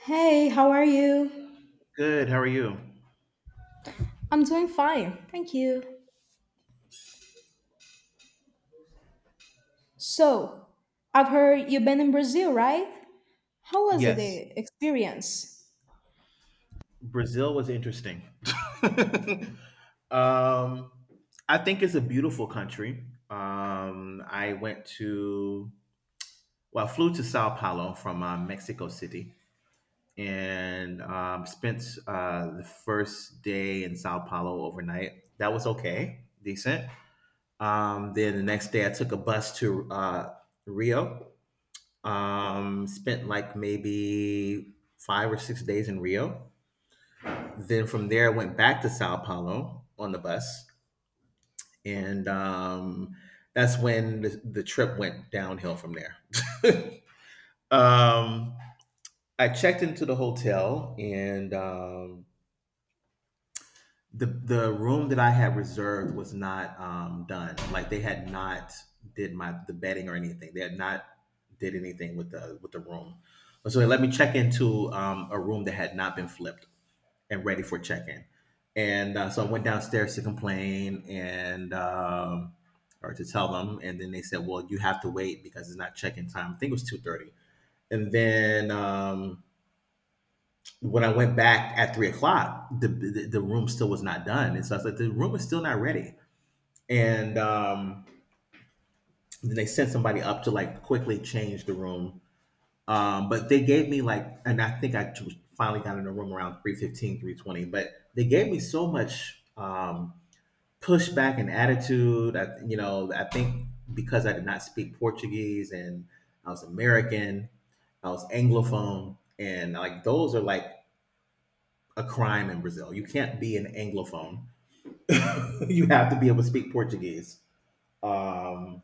Hey, how are you? Good. How are you? I'm doing fine, thank you. So, I've heard you've been in Brazil, right? How was it, Yes, the experience? Brazil was interesting. um, I think it's a beautiful country. Um, I went to, well, I flew to Sao Paulo from Mexico City and spent the first day in Sao Paulo overnight. That was okay, decent. Then the next day, I took a bus to Rio. Spent like maybe 5 or 6 days in Rio. Then from there, I went back to Sao Paulo on the bus, and that's when the trip went downhill from there. Um, I checked into the hotel, and the room that I had reserved was not done. Like they had not did my the bedding or anything. They had not did anything with the room. So they let me check into a room that had not been flipped. And ready for check-in. And so I went downstairs to complain and or to tell them, and then they said, "Well, you have to wait because it's not check-in time." I think it was 2:30. And then when I went back at 3 o'clock, the room still was not done, and so I was like, "The room is still not ready." And then they sent somebody up to like quickly change the room. But they gave me like, and I think I finally got in the room around 3:15, 3:20, but they gave me so much pushback and attitude. I think because I did not speak Portuguese and I was American, I was Anglophone, and like those are like a crime in Brazil. You can't be an Anglophone. You have to be able to speak Portuguese. Um,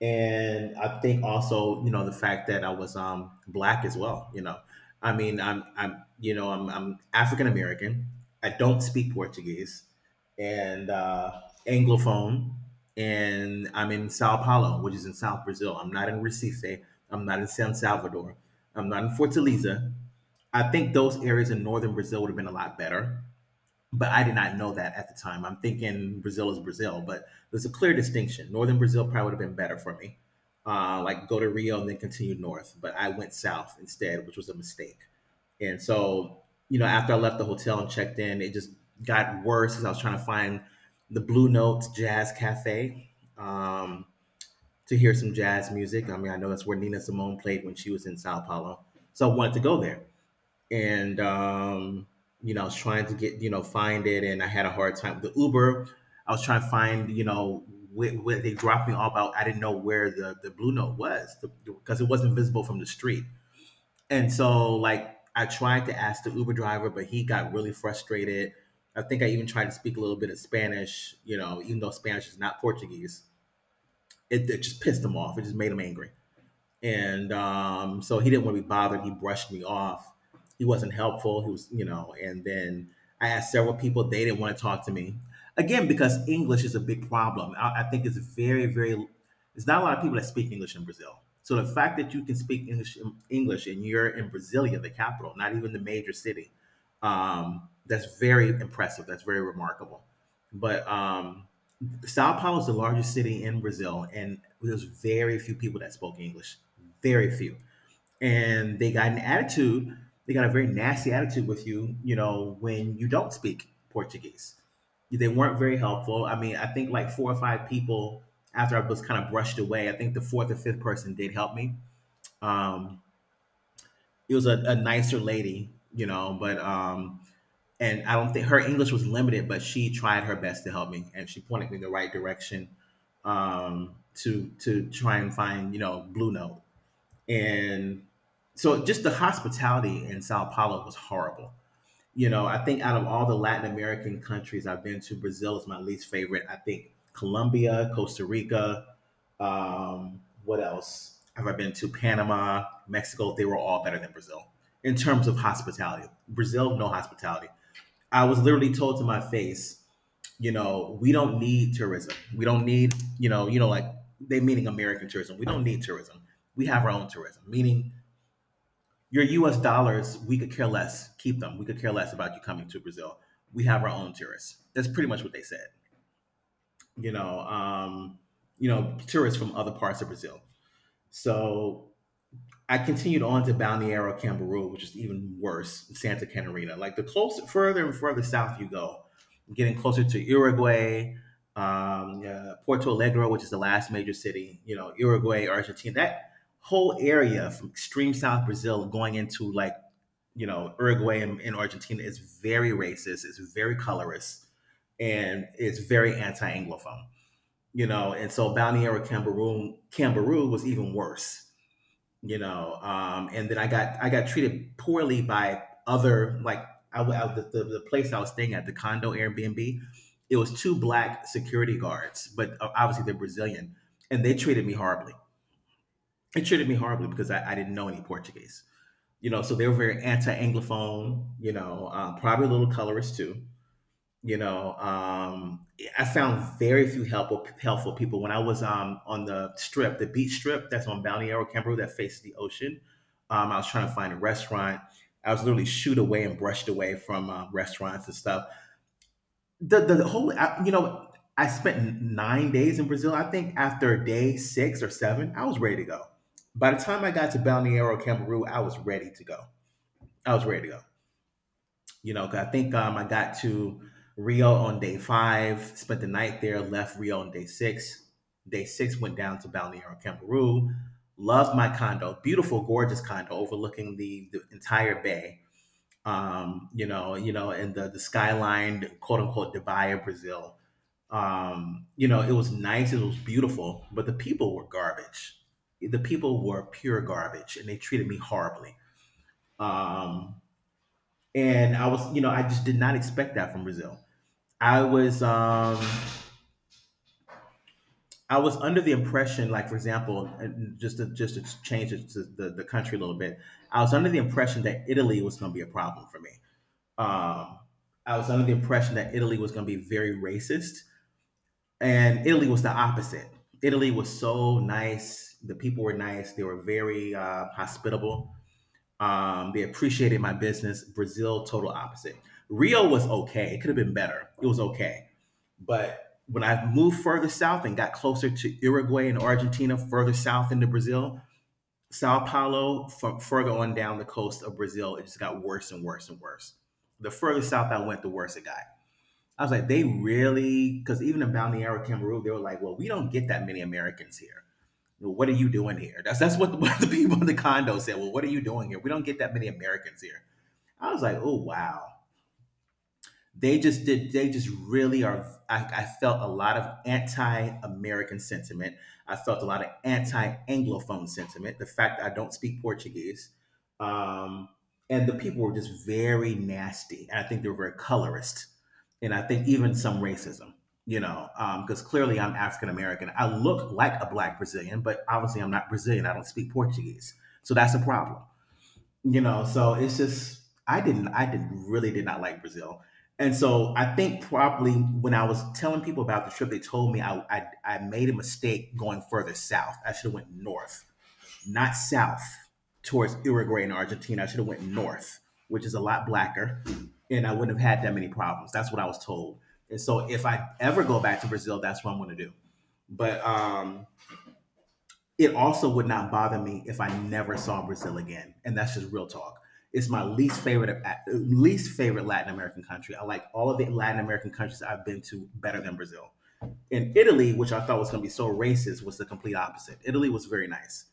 and I think also you know the fact that I was black as well. You know, I mean I'm African American. I don't speak Portuguese and Anglophone, and I'm in Sao Paulo, which is in South Brazil. I'm not in Recife. I'm not in San Salvador. I'm not in Fortaleza. I think those areas in northern Brazil would have been a lot better, but I did not know that at the time. I'm thinking Brazil is Brazil, but there's a clear distinction. Northern Brazil probably would have been better for me. Like, go to Rio and then continue north, but I went south instead, which was a mistake. And so, you know, after I left the hotel and checked in, it just got worse as I was trying to find the Blue Notes Jazz Cafe um, to hear some jazz music. I mean, I know that's where Nina Simone played when she was in Sao Paulo, so I wanted to go there and you know, I was trying to get find it, and I had a hard time. The Uber, I was trying to find where they dropped me off. I didn't know where the Blue Note was because it wasn't visible from the street, and so like I tried to ask the Uber driver, but he got really frustrated. I think I even tried to speak a little bit of Spanish, you know, even though Spanish is not Portuguese. It just pissed him off. It just made him angry, and so he didn't want to be bothered. He brushed me off. He wasn't helpful. He was, and then I asked several people. They didn't want to talk to me, again because English is a big problem. I think it's very, very. It's not a lot of people that speak English in Brazil. So the fact that you can speak English, and you're in Brasilia, the capital, not even the major city, that's very impressive. That's very remarkable. But Sao Paulo is the largest city in Brazil, and there's very few people that spoke English. Very few. And they got an attitude, they got a very nasty attitude with you, you know, when you don't speak Portuguese. They weren't very helpful. I mean, I think like four or five people, after I was kind of brushed away, I think the fourth or fifth person did help me. Um, it was a nicer lady, you know, but and I don't think her English was limited, but she tried her best to help me, and she pointed me in the right direction to try and find Blue Note, and so just the hospitality in Sao Paulo was horrible. You know, I think out of all the Latin American countries I've been to, Brazil is my least favorite. I think Colombia, Costa Rica, what else have I been to? Panama, Mexico. They were all better than Brazil in terms of hospitality. Brazil, no hospitality. I was literally told to my face, you know, we don't need tourism. We don't need, like, they, meaning American tourism. We don't need tourism. We have our own tourism. Meaning your US dollars, we could care less. Keep them. We could care less about you coming to Brazil. We have our own tourists. That's pretty much what they said. You know, um, you know, tourists from other parts of Brazil. So I continued on to Balneario Camarillo, which is even worse, Santa Catarina. Like, the closer, further and further south you go, getting closer to Uruguay, Porto Alegre, which is the last major city, you know, Uruguay, Argentina, that whole area from extreme South Brazil going into like, you know, Uruguay and Argentina is very racist, it's very colorist, and it's very anti Anglophone, you know. And so Balneario Camarillo was even worse, you know. And then I got treated poorly by other, like, the place I was staying at, the condo Airbnb. It was two black security guards, but obviously they're Brazilian, and they treated me horribly. They treated me horribly because I didn't know any Portuguese, you know. So they were very anti-Anglophone, you know. Probably a little colorist too, you know. I found very few helpful people when I was on the strip, the beach strip that's on Balneario Camboriú that faces the ocean. I was trying to find a restaurant. I was literally shooed away and brushed away from restaurants and stuff. You know, I spent 9 days in Brazil. I think after day six or seven I was ready to go. By the time I got to Balneario Camboriú, I was ready to go. I was ready to go, you know, 'cause I think I got to Rio on day five, spent the night there, left Rio on day six. Day six, went down to Balneario Camaru. Loved my condo, beautiful, gorgeous condo overlooking the entire bay. You know, and the skyline, quote unquote, Dubai of Brazil. You know, it was nice, it was beautiful, but the people were garbage. The people were pure garbage, and they treated me horribly. Um, and I was, you know, I just did not expect that from Brazil. I was, um, I was under the impression, like for example, just to change it to the country a little bit, I was under the impression that Italy was going to be a problem for me. Um, I was under the impression that Italy was going to be very racist, and Italy was the opposite. Italy was so nice; the people were nice. They were very hospitable. They appreciated my business. Brazil, total opposite. Rio was okay. It could have been better. It was okay. But when I moved further south and got closer to Uruguay and Argentina, further south into Brazil, Sao Paulo, further on down the coast of Brazil, it just got worse and worse and worse. The further south I went, the worse it got. I was like, they really, because even in Balneario Cameroon, they were like, well, we don't get that many Americans here. Well, what are you doing here? That's what what the people in the condo said. Well, what are you doing here? We don't get that many Americans here. I was like, oh wow. They just did they just really are I felt a lot of anti-American sentiment. I felt a lot of anti-Anglophone sentiment. The fact that I don't speak Portuguese. Um, and the people were just very nasty. And I think they were very colorist. And I think even some racism, you know, because clearly I'm African American. I look like a black Brazilian, but obviously I'm not Brazilian. I don't speak Portuguese. So that's a problem. So it's just I did really did not like Brazil. And so I think probably when I was telling people about the trip, they told me I made a mistake going further south. I should have went north, not south, towards Uruguay and Argentina. I should have went north, which is a lot blacker, and I wouldn't have had that many problems. That's what I was told. And so if I ever go back to Brazil, that's what I'm going to do. But it also would not bother me if I never saw Brazil again, and that's just real talk. It's my least favorite, least favorite Latin American country. I like all of the Latin American countries I've been to better than Brazil. And Italy, which I thought was going to be so racist, was the complete opposite. Italy was very nice.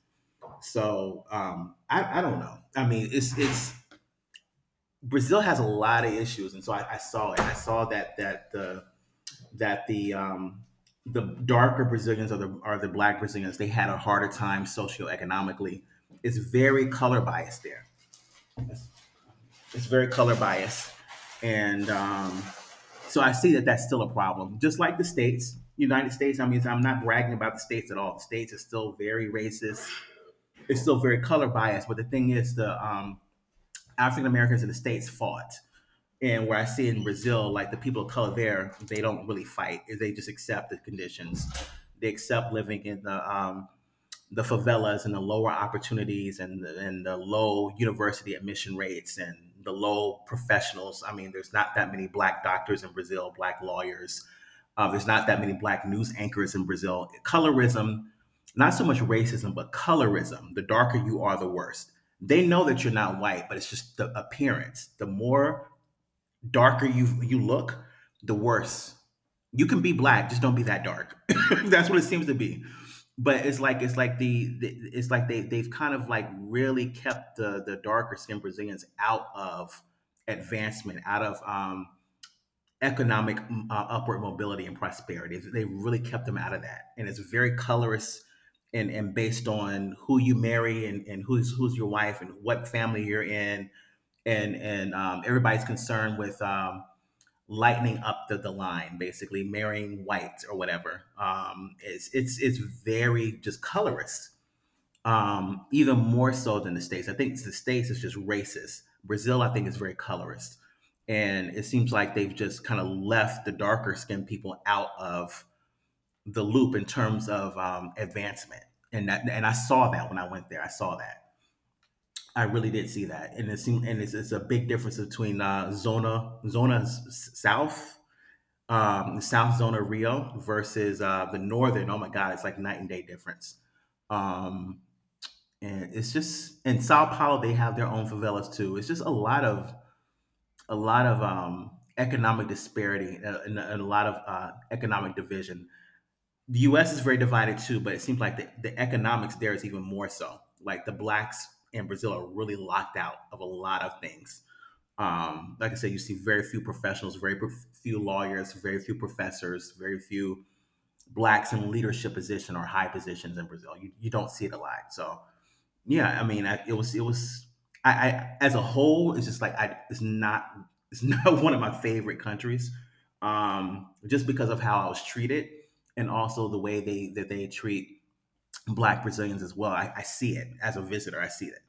So I don't know. I mean, it's Brazil has a lot of issues, and so I saw it. I saw that the darker Brazilians, or the black Brazilians, they had a harder time socioeconomically. It's very color biased there. It's, it's very color biased, and So I see that that's still a problem. Just like the states, United States. I mean, I'm not bragging about the states at all. The states is still very racist. It's still very color biased. But the thing is, the African Americans in the states fought. And where I see in Brazil, like the people of color there, they don't really fight. They just accept the conditions. They accept living in the favelas and the lower opportunities and the low university admission rates and the low professionals. I mean, there's not that many black doctors in Brazil, black lawyers. There's not that many black news anchors in Brazil. Colorism, not so much racism, but colorism. The darker you are, the worse. They know that you're not white, but it's just the appearance. The more darker you look, the worse. You can be black, just don't be that dark. That's what it seems to be. But it's like they've kind of like really kept the darker skinned Brazilians out of advancement, out of economic upward mobility and prosperity. They really kept them out of that, and it's very colorist, and based on who you marry, and who's your wife, and what family you're in, and everybody's concerned with lightening up the line, basically marrying whites or whatever. It's very just colorist, even more so than the states. I think the states is just racist. Brazil, I think, is very colorist, and it seems like they've just kind of left the darker skinned people out of the loop in terms of advancement. And I saw that when I went there. I saw that. I really did see that. And it seemed, and it's a big difference between zona zona south the South Zone of Rio versus the Northern. Oh my God, it's like night and day difference. Um, and it's just in Sao Paulo they have their own favelas too. It's just a lot of economic disparity, and a lot of economic division. The U.S. is very divided too, but it seems like the economics there is even more so. Like the blacks in Brazil are really locked out of a lot of things. Like I said, you see very few professionals, very few lawyers, very few professors, very few blacks in leadership position or high positions in Brazil. You don't see it a lot. So yeah, I mean, I, it was I as a whole, it's just like I it's not it's not one of my favorite countries, just because of how I was treated, and also the way they that they treat black Brazilians as well. I see it as a visitor. I see it.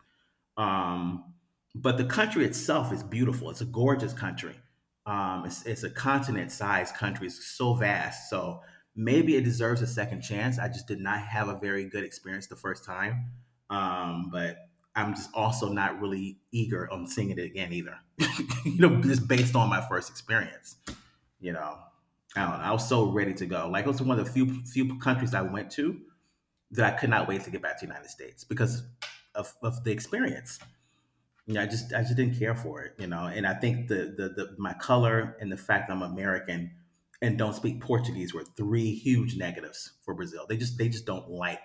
Um, but the country itself is beautiful. It's a gorgeous country. It's a continent-sized country. It's so vast. So maybe it deserves a second chance. I just did not have a very good experience the first time. But I'm just also not really eager on seeing it again either. Just based on my first experience. You know, I don't know. I was so ready to go. Like it was one of the few countries I went to that I could not wait to get back to the United States because of the experience. Yeah, I just didn't care for it. And I think the my color and the fact that I'm American and don't speak Portuguese were three huge negatives for Brazil. They just don't like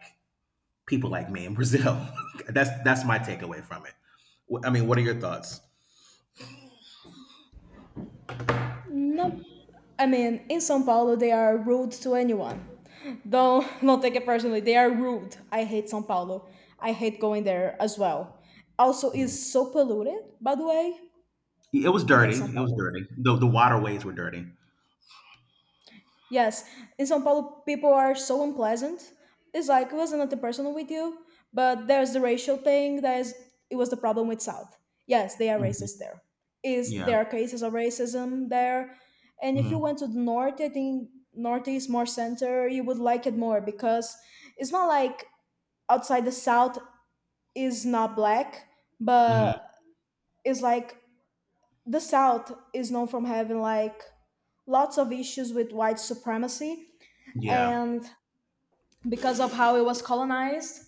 people like me in Brazil. That's my takeaway from it. I mean, what are your thoughts? No, I mean, in São Paulo, they are rude to anyone. Don't don't take it personally. They are rude. I hate São Paulo. I hate going there as well. Also, it's Mm. so polluted, by the way. It was I hate dirty. São It was Paulo. dirty. The waterways were dirty. Yes, in São Paulo, people are so unpleasant. It's like it wasn't nothing personal with you, but there's the racial thing. That is, it was the problem with South. Yes, they are Hmm. racist there. Is Yeah. there are cases of racism there, and if you Mm-hmm. went to the north, I think northeast more center, you would like it more, because it's not like outside the South is not black, Mm-hmm. but it's like the South is known from having like lots of issues with white supremacy, Yeah. and because of how it was colonized,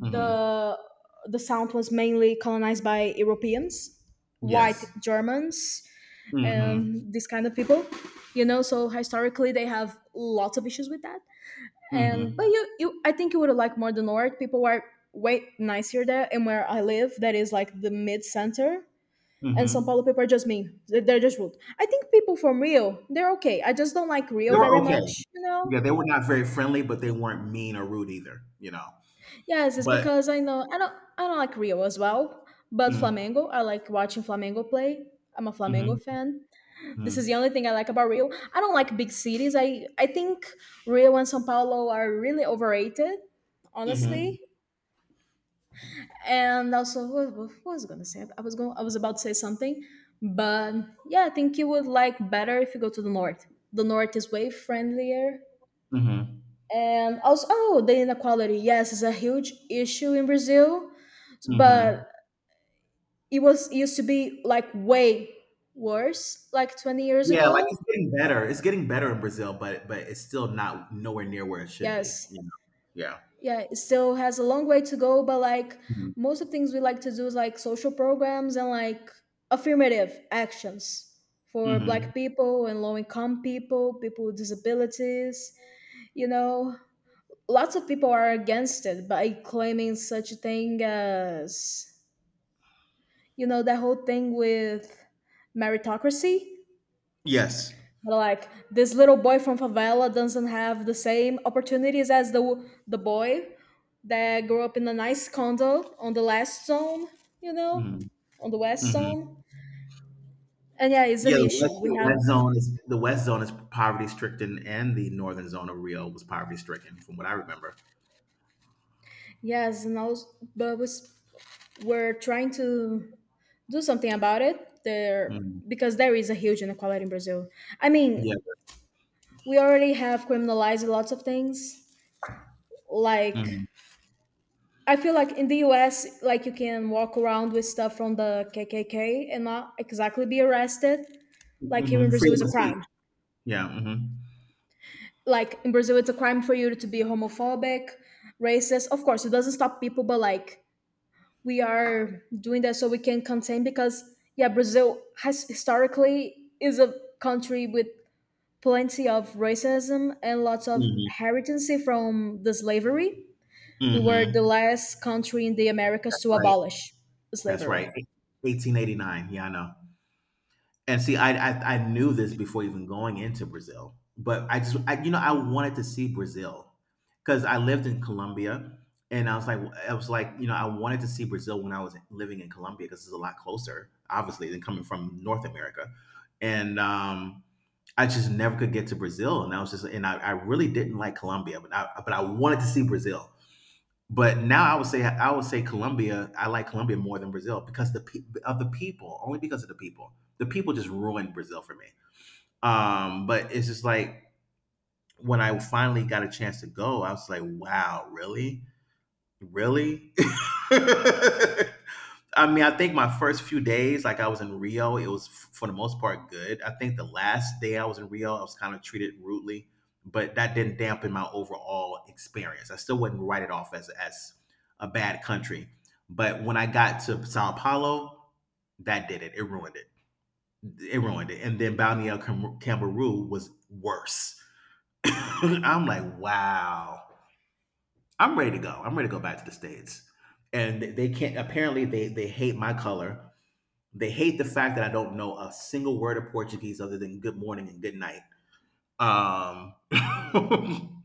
Hmm. the sound was mainly colonized by Europeans, white Yes. Germans, and Hmm. these kind of people, you know. So historically they have lots of issues with that, and but Hmm. you, I think you would like more. The north people are way nicer there, and where I live, that is like the mid center. And São Paulo Hmm. people are just mean. They're just rude. I think people from Rio, they're okay. I just don't like Rio They very were okay. much, you know? Yeah, they were not very friendly, but they weren't mean or rude either. Yes, it's But. because I know, I don't like Rio as well, but Mm. Flamengo, I like watching Flamengo play. I'm a Mhm. Flamengo fan. This is the Mhm. only thing I like about Rio. I don't like big cities. I think Rio and São Paulo are really overrated, Mhm. honestly. And also, what was I gonna say? I was about to say something, but yeah, I think you would like better if you go to the north. The north is way friendlier. Mhm. And also, oh, the inequality. Yes, it's a huge issue in Brazil, Mhm. but it used to be like way worse, like 20 years Yeah, like ago. it's getting better. It's getting better in Brazil, but it's still not nowhere near where it should be. Yes, You know? Yeah. yeah, it still has a long way to go, but like Mhm. most of things we like to do is like social programs and like affirmative actions for Mhm. black people and low income people, people with disabilities, you know. Lots of people are against it by claiming such a thing as, you know, that whole thing with meritocracy. Yes. Like this little boy from favela doesn't have the same opportunities as the boy that grew up in a nice condo on the last zone, you know, Mhm. on the west Mhm. zone. And yeah, it's Yeah, an the west, issue. We the have, west zone is the west zone is poverty stricken, and the northern zone of Rio was poverty stricken, from what I remember. yes, and also, but was- we're trying to do something about it there, Mhm. because there is a huge inequality in Brazil. I Yeah. mean, we already have criminalized lots of things, like Mhm. I feel like in the US, like you can walk around with stuff from the KKK and not exactly be arrested. Like here in Mhm. Brazil, Freedom is a of speech. crime. Yeah. Like in Brazil, it's a crime for you to be homophobic, racist. Of course, it doesn't stop people, but like we are doing that so we can contain, because yeah, Brazil has historically is a country with plenty of racism and lots of Hmm. heritage from the slavery. Hmm. We were the Hmm. last country in the Americas That's to right. abolish That's right. slavery. 1889. Yeah, I know. And see, I knew this before even going into Brazil, but I just I, you know I wanted to see Brazil because I lived in Colombia, and I was like you know I wanted to see Brazil when I was living in Colombia because it's a lot closer, obviously, than coming from North America, and I just never could get to Brazil, and I was just and I really didn't like Colombia, but I wanted to see Brazil. But now I would say Colombia. I like Colombia more than Brazil because of the people, only because of the people. The people just ruined Brazil for me. But it's just like when I finally got a chance to go, I was like, wow, really? Really? I mean, I think my first few days, like I was in Rio, it was for the most part good. I think the last day I was in Rio, I was kind of treated rudely, but that didn't dampen my overall experience. I still wouldn't write it off as a bad country. But when I got to Sao Paulo, that did it. It ruined it. It ruined it. And then Balneo Camboriú was worse. I'm like, wow. I'm ready to go. I'm ready to go back to the states. And they can't. Apparently, they hate my color. They hate the fact that I don't know a single word of Portuguese other than good morning and good night. Um,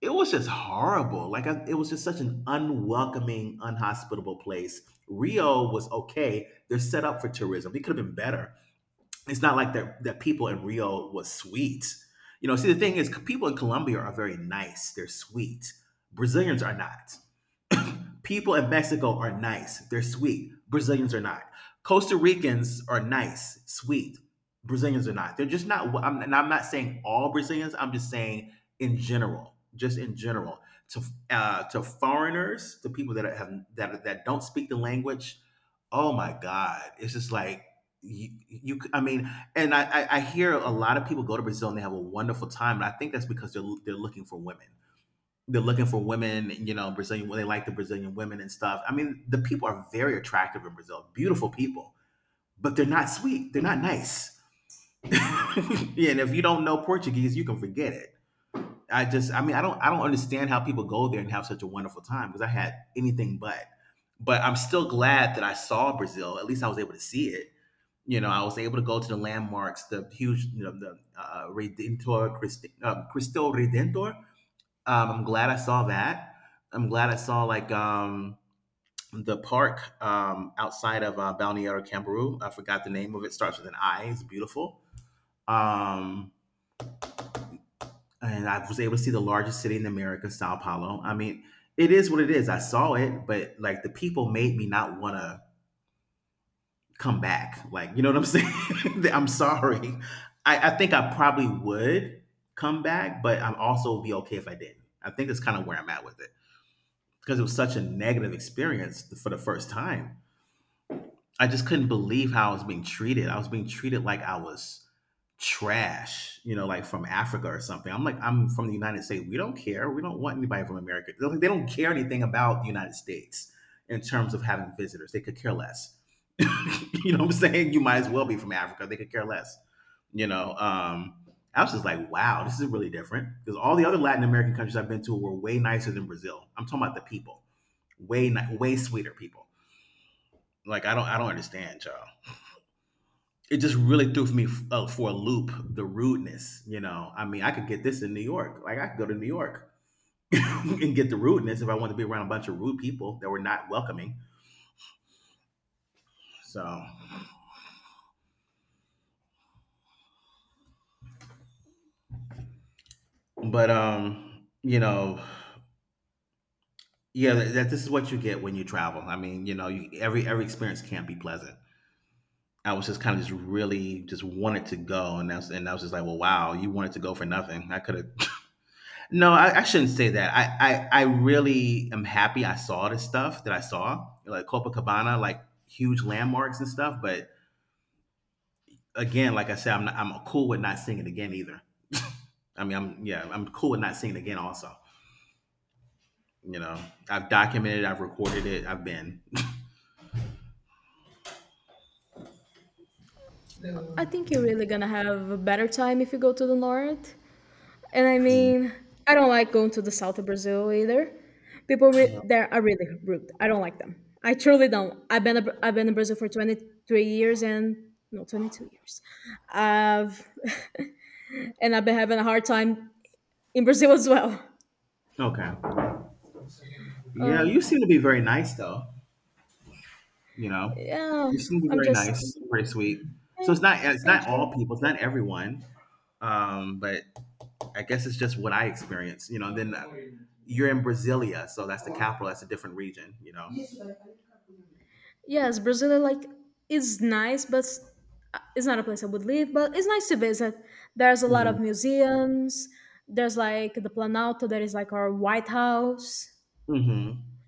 it was just horrible. Like it was just such an unwelcoming, unhospitable place. Rio was okay. They're set up for tourism. It could have been better. It's not like that people in Rio was sweet. See the thing is people in Colombia are very nice. They're sweet. Brazilians are not. People in Mexico are nice. They're sweet. Brazilians are not. Costa Ricans are nice, sweet. Brazilians are not. They're just not. And I'm not saying all Brazilians. I'm just saying in general, just in general, to to foreigners, to people that have that that don't speak the language. Oh my God! It's just like you, I mean, and I hear a lot of people go to Brazil and they have a wonderful time, and I think that's because they're looking for women. They're looking for women, you know, Brazilian, they like the Brazilian women and stuff. I mean, the people are very attractive in Brazil, beautiful people, but they're not sweet. They're not nice. Yeah, and if you don't know Portuguese, you can forget it. I mean, I don't understand how people go there and have such a wonderful time because I had anything but. But I'm still glad that I saw Brazil. At least I was able to see it. I was able to go to the landmarks, the huge, the Redentor, Cristo Redentor. I'm glad I saw that. I'm glad I saw like the park outside of Balneario Camberoo. I forgot the name of it. Starts with an I. It's beautiful. Um, and I was able to see the largest city in America, Sao Paulo. I mean, it is what it is. I saw it, but like the people made me not want to come back. Like, you know what I'm saying? I'm sorry. I think I probably would come back, but I'm also be okay if I didn't. I think that's kind of where I'm at with it. Because it was such a negative experience for the first time. I just couldn't believe how I was being treated. I was being treated like I was trash, like from Africa or something. I'm like, I'm from the United States. We don't care. We don't want anybody from America. They're like, they don't care anything about the United States in terms of having visitors. They could care less. You know what I'm saying? You might as well be from Africa. They could care less. You know, um, I was just like, wow, this is really different because all the other Latin American countries I've been to were way nicer than Brazil. I'm talking about the people way sweeter people. Like I don't understand y'all. It just really threw for me for a loop the rudeness. I mean, I could get this in New York. Like I could go to New York and get the rudeness if I wanted to be around a bunch of rude people that were not welcoming. So, but yeah, that this is what you get when you travel. I mean, every experience can't be pleasant. I was just kind of just really just wanted to go, and I was just like, well, wow, you wanted to go for nothing. I could have. No, I shouldn't say that. I really am happy I saw this stuff that I saw, like Copacabana, like huge landmarks and stuff. But again, like I said, I'm cool with not seeing it again either. I mean, I'm yeah, I'm cool with not seeing it again. Also, you know, I've documented, I've recorded it, I've been. I think you're really gonna have a better time if you go to the north. And I Mm, mean, I don't like going to the south of Brazil either. There are really rude. I don't like them. I truly don't. I've been in Brazil for 23 years, and no, 22 years. I've and I've been having a hard time in Brazil as well. okay. Yeah, you Oh, seem to be very nice though. You know, yeah. you seem to be I'm very just nice, very sweet. So eh, it's not it's thank not all you. people, it's not everyone. But I guess it's just what I experience. Then you're in Brasilia, so that's the capital. That's a different region. Yes, Brazil like is nice, but it's not a place I would live. But it's nice to visit. There's a lot Hmm. of museums. There's like the Planalto, that is like our White House, Hmm.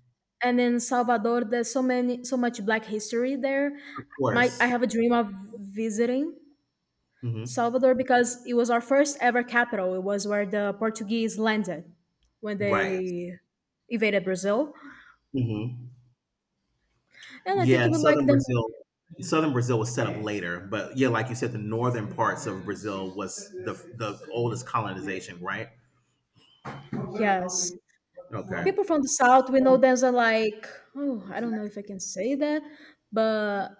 and in Salvador, there's so many, so much Black history there. Of I course. have a dream of visiting Hmm. Salvador because it was our first ever capital. It was where the Portuguese landed when Right. they invaded Brazil, Hmm. and I Yeah, think you and would like southern them. Brazil. Southern Brazil was set up later, but yeah, like you said, the northern parts of Brazil was the oldest colonization, right? Yes, Okay. people from the South, we know them as, like, oh, I don't know if I can say that, but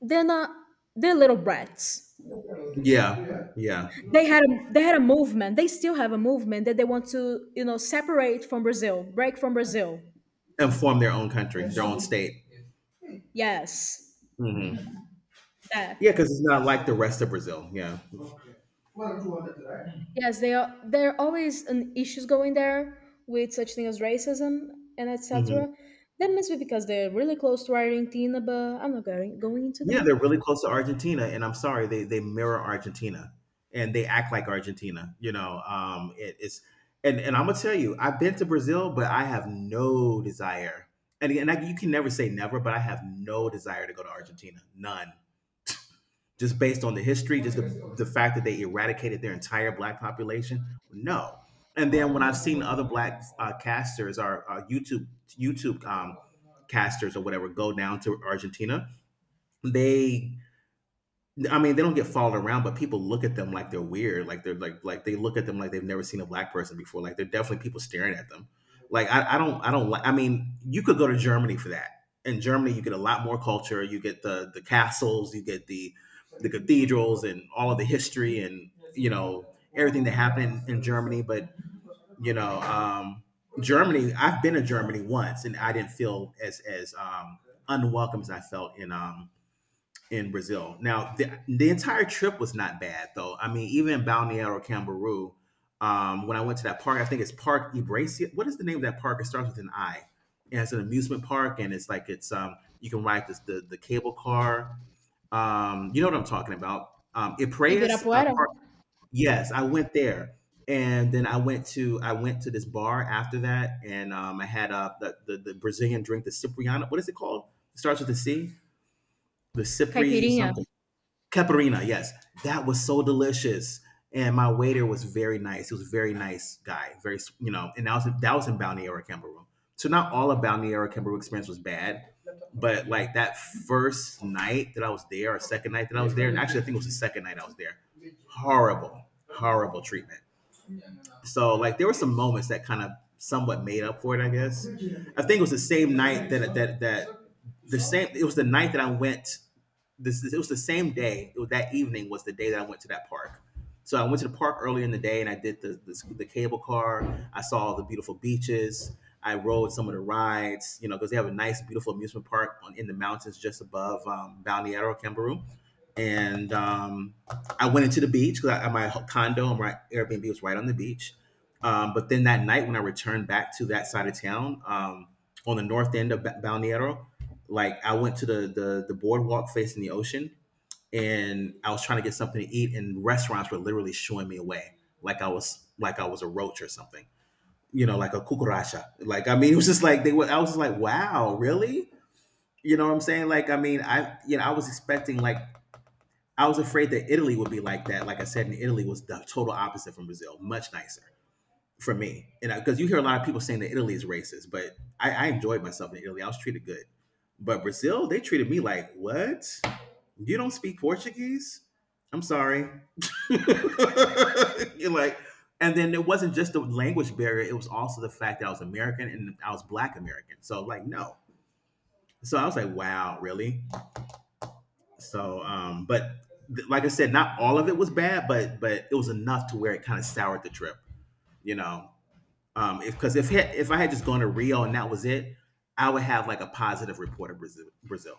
they're not, they're little brats. Yeah. Yeah. They had a movement. They still have a movement that they want to, you know, separate from Brazil, break from Brazil. And form their own country, their own state. Yes, Hmm. that. Yeah, because it's not like the rest of Brazil. Yeah. Yes, they are. There are always an issues going there with such thing as racism and Hmm. etc. That must be because they're really close to Argentina, but I'm not going into Yeah, that. they're really close to Argentina, and I'm sorry, they mirror Argentina and they act like Argentina. You know, it, it's And I'm gonna tell you, I've been to Brazil, but I have no desire. And again, you can never say never, but I have no desire to go to Argentina, none. Just based on the history, just the fact that they eradicated their entire black population, no. And then when I've seen other black casters or YouTube casters or whatever go down to Argentina, they I mean, they don't get followed around, but people look at them like they're weird. Like they're like they look at them like they've never seen a black person before. Like they're definitely people staring at them. Like I don't like. I mean, you could go to Germany for that. In Germany, you get a lot more culture. You get the castles, you get the cathedrals, and all of the history, and you know everything that happened in Germany. But you know, um, Germany. I've been to Germany once, and I didn't feel as unwelcome as I felt in Brazil. Now, the entire trip was not bad, though. I mean, even in Balneário Camboriú, when I went to that park, I think it's Park Ibracia. What is the name of that park? It starts with an I. And it's an amusement park, and it's like it's you can ride this, the cable car. You know what I'm talking about? Ipraias Ibirapuera, Park. Yes, I went there, and then I went to this bar after that, and I had the Brazilian drink, the Cipriano. What is it called? It starts with a C. The Cipri Caipirinha, something. Caparina, yes. That was so delicious. And my waiter was very nice. He was a very nice guy. Very, and that was in Balneário, Cameroon. So not all of Balneário, Cameroon experience was bad, but like that first night that I was there, or second night that I was there, and actually I think it was the second night I was there, horrible, horrible treatment. So like there were some moments that kind of somewhat made up for it, I guess. I think it was the same night that the same. It was the night that I went this it was the same day it was, that evening was the day that I went to that park. So I went to the park earlier in the day and I did the cable car. I saw the beautiful beaches. I rode some of the rides, you know, because they have a nice beautiful amusement park in the mountains just above Balneario Camboriú. And I went into the beach because my condo and my Airbnb was right on the beach. But then that night when I returned back to that side of town, on the north end of Balneario, like I went to the boardwalk facing the ocean, and I was trying to get something to eat, and restaurants were literally shooing me away, like I was a roach or something, like a cucaracha. Like I mean, it was just like they were. I was just like, wow, really? You know what I'm saying? Like I mean, I you know I was expecting like I was afraid that Italy would be like that. Like I said, in Italy was the total opposite from Brazil, much nicer for me. And because you hear a lot of people saying that Italy is racist, but I enjoyed myself in Italy. I was treated good. But Brazil, they treated me like, what? You don't speak Portuguese? I'm sorry. You're like, and then it wasn't just the language barrier, it was also the fact that I was American and I was Black American. So, like, no. So I was like, wow, really? So, but like I said, not all of it was bad, but it was enough to where it kind of soured the trip, you know. If Because if I had just gone to Rio and that was it, I would have like a positive report of Brazil,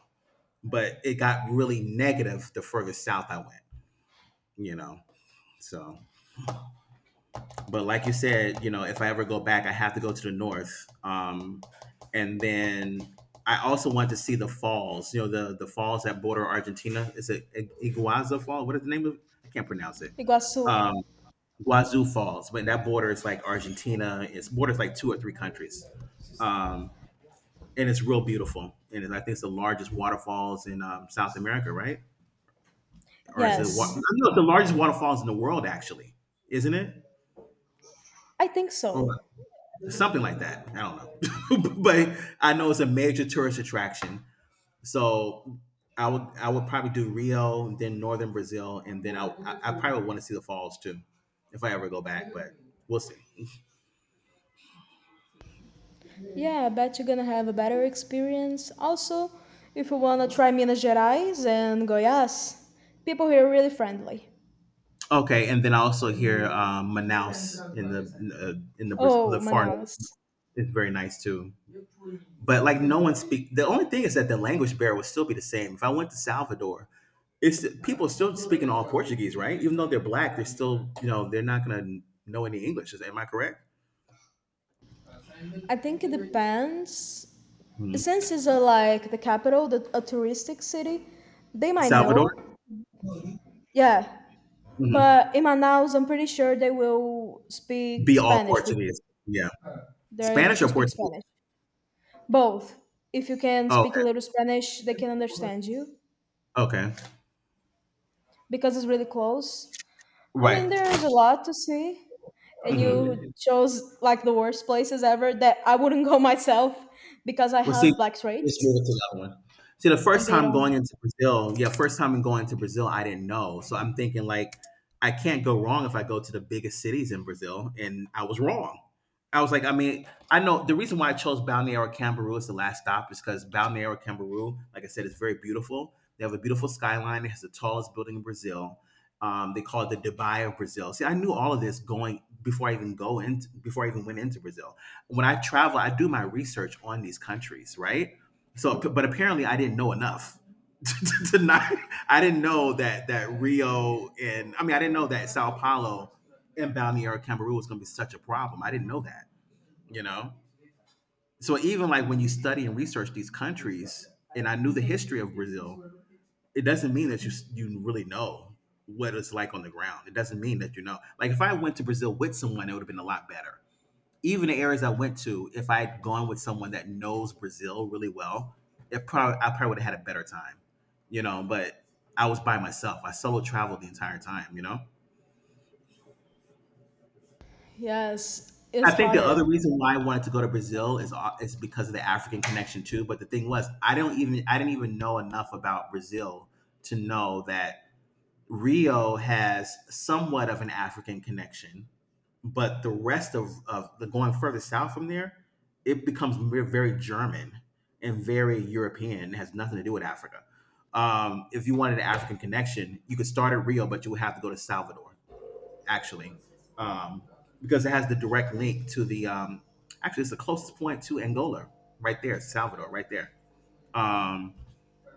but it got really negative the further south I went. You know, so, but like you said, if I ever go back, I have to go to the north. And then I also want to see the falls. The falls that border Argentina. Is it Iguazu Fall? What is the name of it? I can't pronounce it. Iguaçu. Um, Guazú Falls, but that border is like Argentina. It's borders like two or three countries. Um, and it's real beautiful. And I think it's the largest waterfalls in South America, right? Or is it wa- Yes, No, it's the largest waterfalls in the world, actually, isn't it? I think Or so. something like that. I don't know, but I know it's a major tourist attraction. So I would probably do Rio, then northern Brazil, and then I probably would want to see the falls too, if I ever go back. But we'll see. Yeah, I bet you're gonna have a better experience. Also, if you wanna try Minas Gerais and Goiás, people here are really friendly. Okay, and then I also hear Manaus in the Brazil, the Oh, far north Manaus. is very nice too. But like no one speak. The only thing is that the language barrier would still be the same. If I went to Salvador, it's people still speaking all Portuguese, right? Even though they're black, they're still they're not going to know any English. Is Am I correct? I think it depends. Mhm. Since it's a, like the capital, a touristic city, they might Salvador. know. Yeah, Hmm. but in Manaus, I'm pretty sure they will speak Be all Spanish with Portuguese. you. Yeah, They're able Spanish to or speak Portuguese. Spanish. Both. If you can speak a Okay, little Spanish, they can understand you, okay, because it's really close. I mean, right. there's a lot to see, and you Mhm. chose like the worst places ever that I wouldn't go myself because I Well, see, have black let's move it traits to that one. See, the and first they time going don't. into Brazil, yeah, first time in going to Brazil, I didn't know. So I'm thinking like, I can't go wrong if I go to the biggest cities in Brazil, and I was wrong. I was like, I mean, I know the reason why I chose Balneário Camboriú as the last stop is because Balneário Camboriú, like I said, is very beautiful. They have a beautiful skyline. It has the tallest building in Brazil. They call it the Dubai of Brazil. See, I knew all of this going before I even go in, before I even went into Brazil when I travel, I do my research on these countries, right? So, but apparently, I didn't know enough to, not. I didn't know that Rio, and I mean, I didn't know that Sao Paulo and Balneario Camaru was going to be such a problem. I didn't know that, you know. So even like when you study and research these countries, and I knew the history of Brazil, it doesn't mean that you really know what it's like on the ground. It doesn't mean that you know. Like if I went to Brazil with someone, it would have been a lot better. Even the areas I went to, if I had gone with someone that knows Brazil really well, it probably I probably would have had a better time. But I was by myself. I solo traveled the entire time. Yes, it's I think the other hotter. reason why I wanted to go to Brazil is because of the African connection too. But the thing was, I didn't even know enough about Brazil to know that Rio has somewhat of an African connection, but the rest of the going further south from there, it becomes very German and very European, and it has nothing to do with Africa. If you wanted an African connection, you could start at Rio, but you would have to go to Salvador, actually, um, because it has the direct link to the, actually, it's the closest point to Angola, right there, Salvador, right there. Um,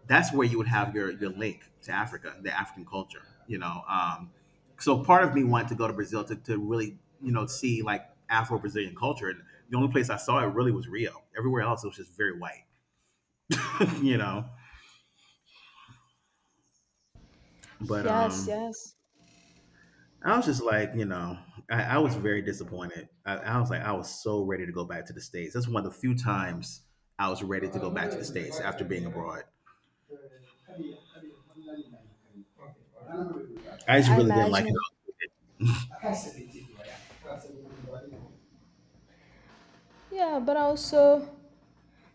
that's where you would have your link to Africa, the African culture. You know, so part of me wanted to go to Brazil to really see like Afro Brazilian culture, and the only place I saw it really was Rio. Everywhere else, it was just very white. you know, but Yes, um, yes, I was just like, you know, I was very disappointed. I was like, I was so ready to go back to the states. That's one of the few times I was ready to go back to the states after being abroad. I just I really didn't like it. imagine. Yeah, but also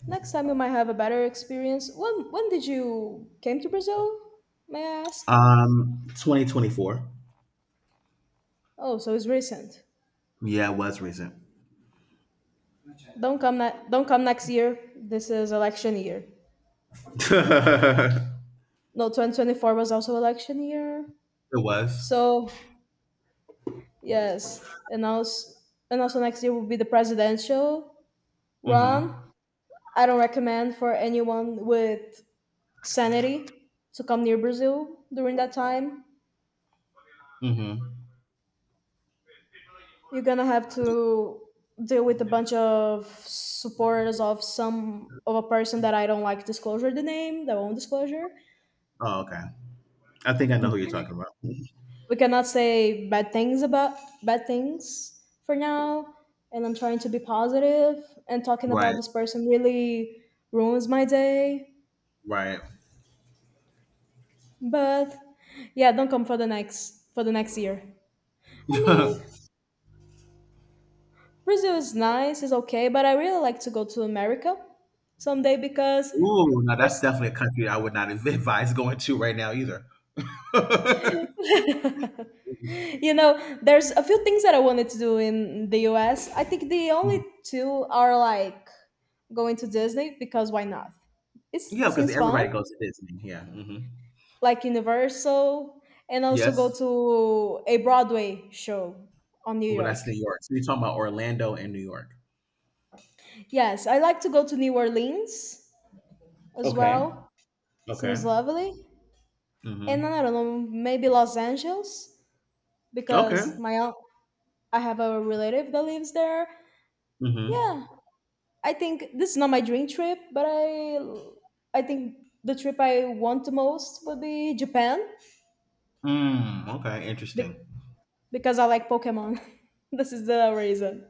next time you might have a better experience. When did you came to Brazil? May I ask? 2024. Oh, so it's recent. Yeah, it was recent. Don't come next year. This is election year. It No, 2024 was also election year. was. So yes, and also next year will be the presidential run. Hmm. I don't recommend for anyone with sanity to come near Brazil during that time. Hmm. You're gonna have to deal with a bunch of supporters of some of a person that I don't like disclosure the name, their own disclosure. Oh, okay. I think I know who you're talking about. We cannot say bad things for now, and I'm trying to be positive, and talking about Right. this person really ruins my day. Right. But yeah, don't come for the next year. I mean, Brazil is nice, it's okay, but I really like to go to America someday because Ooh, now that's first, definitely a country I would not advise going to right now either. you know, there's a few things that I wanted to do in the US. I think the only two are like going to Disney because why not, it Yeah, because seems fun, everybody goes to Disney. Yeah. Hmm. like Universal, and also go Yes. to a Broadway show on New But that's York. New York. So you're talking about Orlando and New York. Yes, I like to go to New Orleans as Okay. well. Seems Okay. lovely. And Hmm. I don't know, maybe Los Angeles because Okay. I have a relative that lives there. Hmm. Yeah, I think this is not my dream trip, but I think the trip I want the most would be Japan Mm, okay. Interesting. be- because I like Pokemon. this is the reason.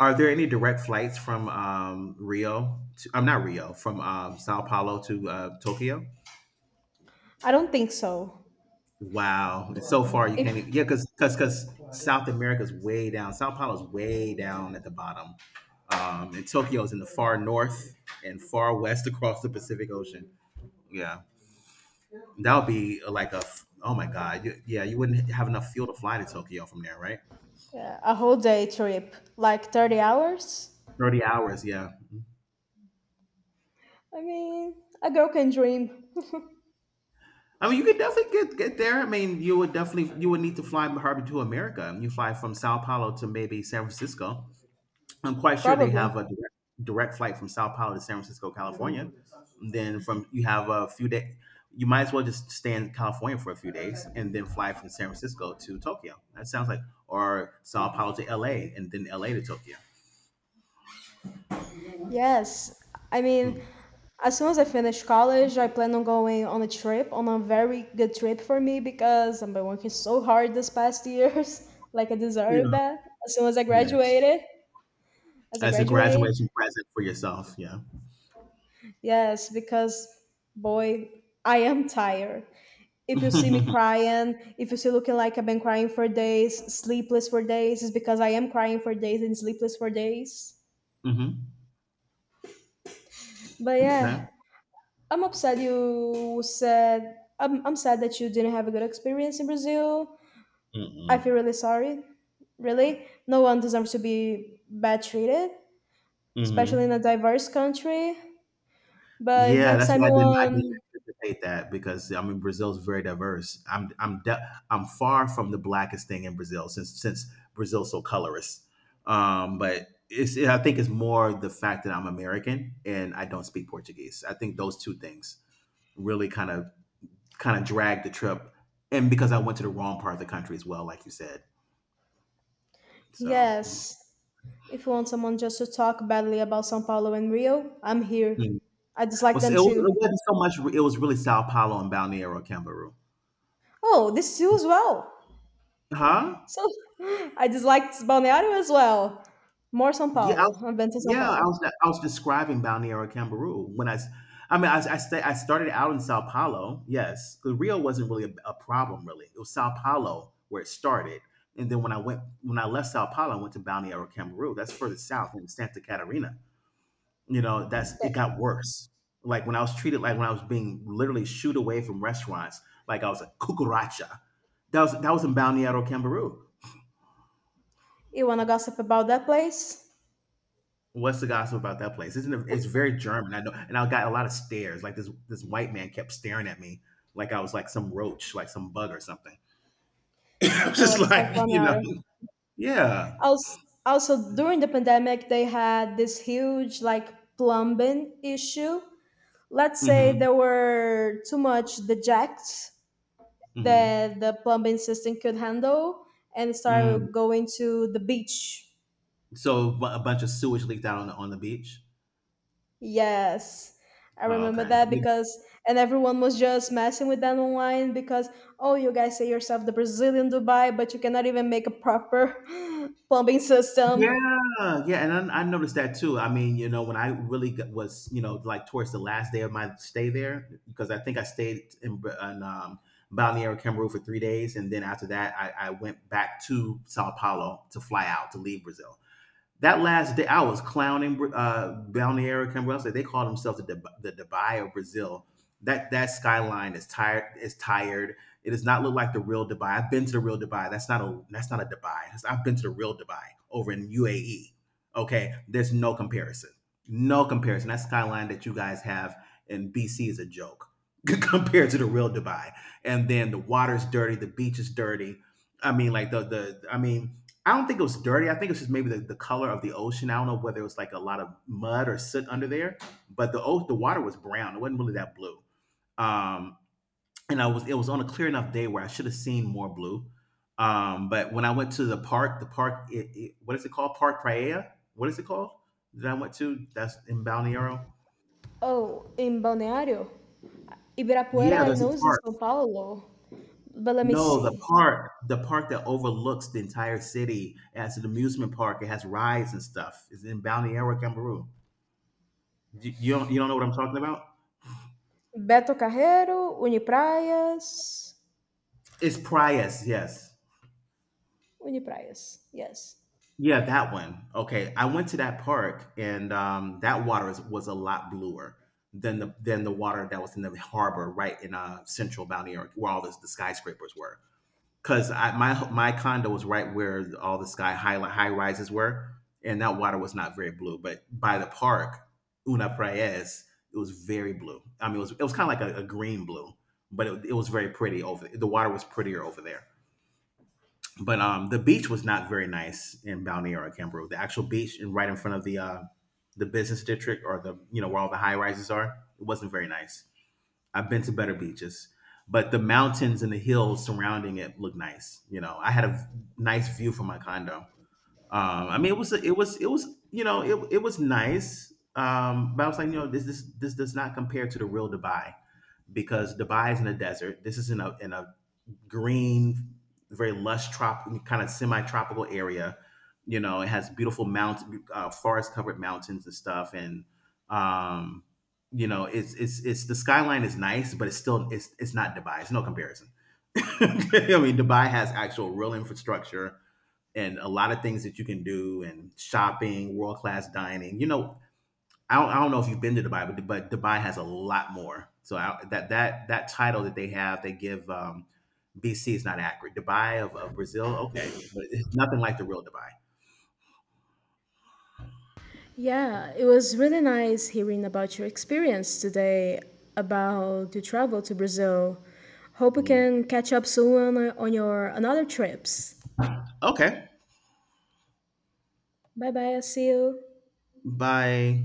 Are there any direct flights from Rio? To, I'm not Rio, from Sao Paulo to Tokyo. I don't think so. Wow, it's so far you If can't. Even, yeah, because South America's way down. Sao Paulo's way down at the bottom, and Tokyo's in the far north and far west across the Pacific Ocean. Yeah, that would be like a. Oh my God, you, yeah, you wouldn't have enough fuel to fly to Tokyo from there, right? Yeah, a whole day trip, like 30 hours? 30 hours, yeah. I mean, a girl can dream, I mean, you could definitely get there. I mean, you would definitely you would need to fly Harvey to America. You fly from Sao Paulo to maybe San Francisco. I'm quite sure they probably. have a direct, direct flight from Sao Paulo to San Francisco, California. Then from you have a few days. You might as well just stay in California for a few days and then fly from San Francisco to Tokyo. That sounds like or Sao Paulo to L.A. and then L.A. to Tokyo. Yes, I mean, Hmm. as soon as I finish college, I plan on going on a trip, on a very good trip for me, because I've been working so hard this past years. Like I deserve Yeah. that. As soon as I Yes. graduated, as I As a graduate, graduation present for yourself. Yeah. yes, because boy, I am tired. If you see me Hmm. crying, if you see looking like I've been crying for days, sleepless for days, it's because I am crying for days and sleepless for days. But yeah, Okay. I'm upset you said, I'm sad that you didn't have a good experience in Brazil. I feel Mm-hmm. really sorry. Really, no one deserves to be bad treated, especially in a diverse country. But if Yeah, next that's time why I you didn't want, anticipate that because I mean Brazil's very diverse. I'm far from the blackest thing in Brazil since Brazil's so colorist. But it's I think it's more the fact that I'm American and I don't speak Portuguese. I think those two things really kind of dragged the trip, and because I went to the wrong part of the country as well, like you said. So yes, if you want someone just to talk badly about São Paulo and Rio, I'm here. mm. I Well, dislike them it too. wasn't so much. It was really Sao Paulo and Balneário Camboriú. Oh, this too as well. Huh? So I disliked Balneário as well. More São Yeah, I Paulo. was, I've been to São yeah, I Paulo. was I was describing Balneário Camboriú when I mean, I started out in Sao Paulo. Yes, 'cause Rio wasn't really a problem. Really, it was Sao Paulo where it started, and then when I left Sao Paulo, I went to Balneário Camboriú. That's further south in Santa Catarina. You know, that's it But got worse. Like when I was treated like when I was being literally shooed away from restaurants, like I was a cucaracha. That was in Balneário Camboriú. you wanna gossip about that place? What's the gossip about that place? Isn't it? It's very German. I know, and I got a lot of stares. Like this white man kept staring at me, like I was like some roach, like some bug or something. I was Oh, just it's like like, you know, Balneário. yeah. Also, also, during the pandemic, they had this huge like plumbing issue. Let's say Mm-hmm. there were too much dejects that Mm-hmm. the plumbing system could handle, and Mm. started going to the beach. So a bunch of sewage leaked out on the beach. Yes, I Oh, remember okay. that, because, and everyone was just messing with that online because, oh, you guys say yourself the Brazilian Dubai, but you cannot even make a proper plumbing system. Yeah, yeah, and I noticed that too. I mean, you know, when I really got, was, you know, like towards the last day of my stay there, because I think I stayed in, in Balneário Camaru for 3 days, and then after that, I went back to Sao Paulo to fly out to leave Brazil. That last day, I was clowning Balneário Camboriú. They call themselves the Dubai of Brazil. That skyline is tired. Is tired. It does not look like the real Dubai. I've been to the real Dubai. That's not a Dubai. That's- I've been to the real Dubai over in UAE. Okay, there's no comparison. No comparison. That skyline that you guys have in BC is a joke compared to the real Dubai. And then the water's dirty. The beach is dirty. I mean, like the I mean I don't think it was dirty. I think it was just maybe the color of the ocean. I don't know whether it was like a lot of mud or soot under there, but the water was brown. It wasn't really that blue. Um, and I was it was on a clear enough day where I should have seen more blue. But when I went to the park, the park, what is it called? Park Praia. What is it called that I went to? That's in Balneario. Oh, in Balneário? Yeah, Ibirapuera, I there's know a is in park. São Paulo. But let me No, see. The park that overlooks the entire city. It has an amusement park. It has rides and stuff. It's in Balneario, Cameroon. You, you don't know what I'm talking about? Beto Carreiro, Unipraias. It's Prius, yes. Unipraias, yes. Yeah, that one. Okay, I went to that park, and that water is, was a lot bluer than the water that was in the harbor right in central Balneary, where all this, the skyscrapers were. Because I, my condo was right where all the sky high rises were, and that water was not very blue. But by the park, Una Prayas, it was very blue. I mean, it was kind of like a green blue, but it was very pretty over. The water was prettier over there. But the beach was not very nice in Balneario Camboriú. The actual beach, right in front of the business district or the you know where all the high rises are, it wasn't very nice. I've been to better beaches, but the mountains and the hills surrounding it look nice. You know, I had a nice view from my condo. I mean, it was you know it was nice, but I was like, you know, this does not compare to the real Dubai because Dubai is in a desert. This is in a green, very lush, trop, kind of semi-tropical area. You know, it has beautiful mountain, forest-covered mountains and stuff, and um, you know, it's the skyline is nice, but it's still it's not Dubai. It's no comparison. I mean, Dubai has actual real infrastructure and a lot of things that you can do, and shopping, world class dining. You know, I don't know if you've been to Dubai, but Dubai has a lot more. So I, that title that they have, they give BC is not accurate. Dubai of Brazil, okay, but it's nothing like the real Dubai. Yeah, it was really nice hearing about your experience today about your travel to Brazil. Hope we Mhm. can catch up soon on your another trips. Okay, Bye bye, I see you. by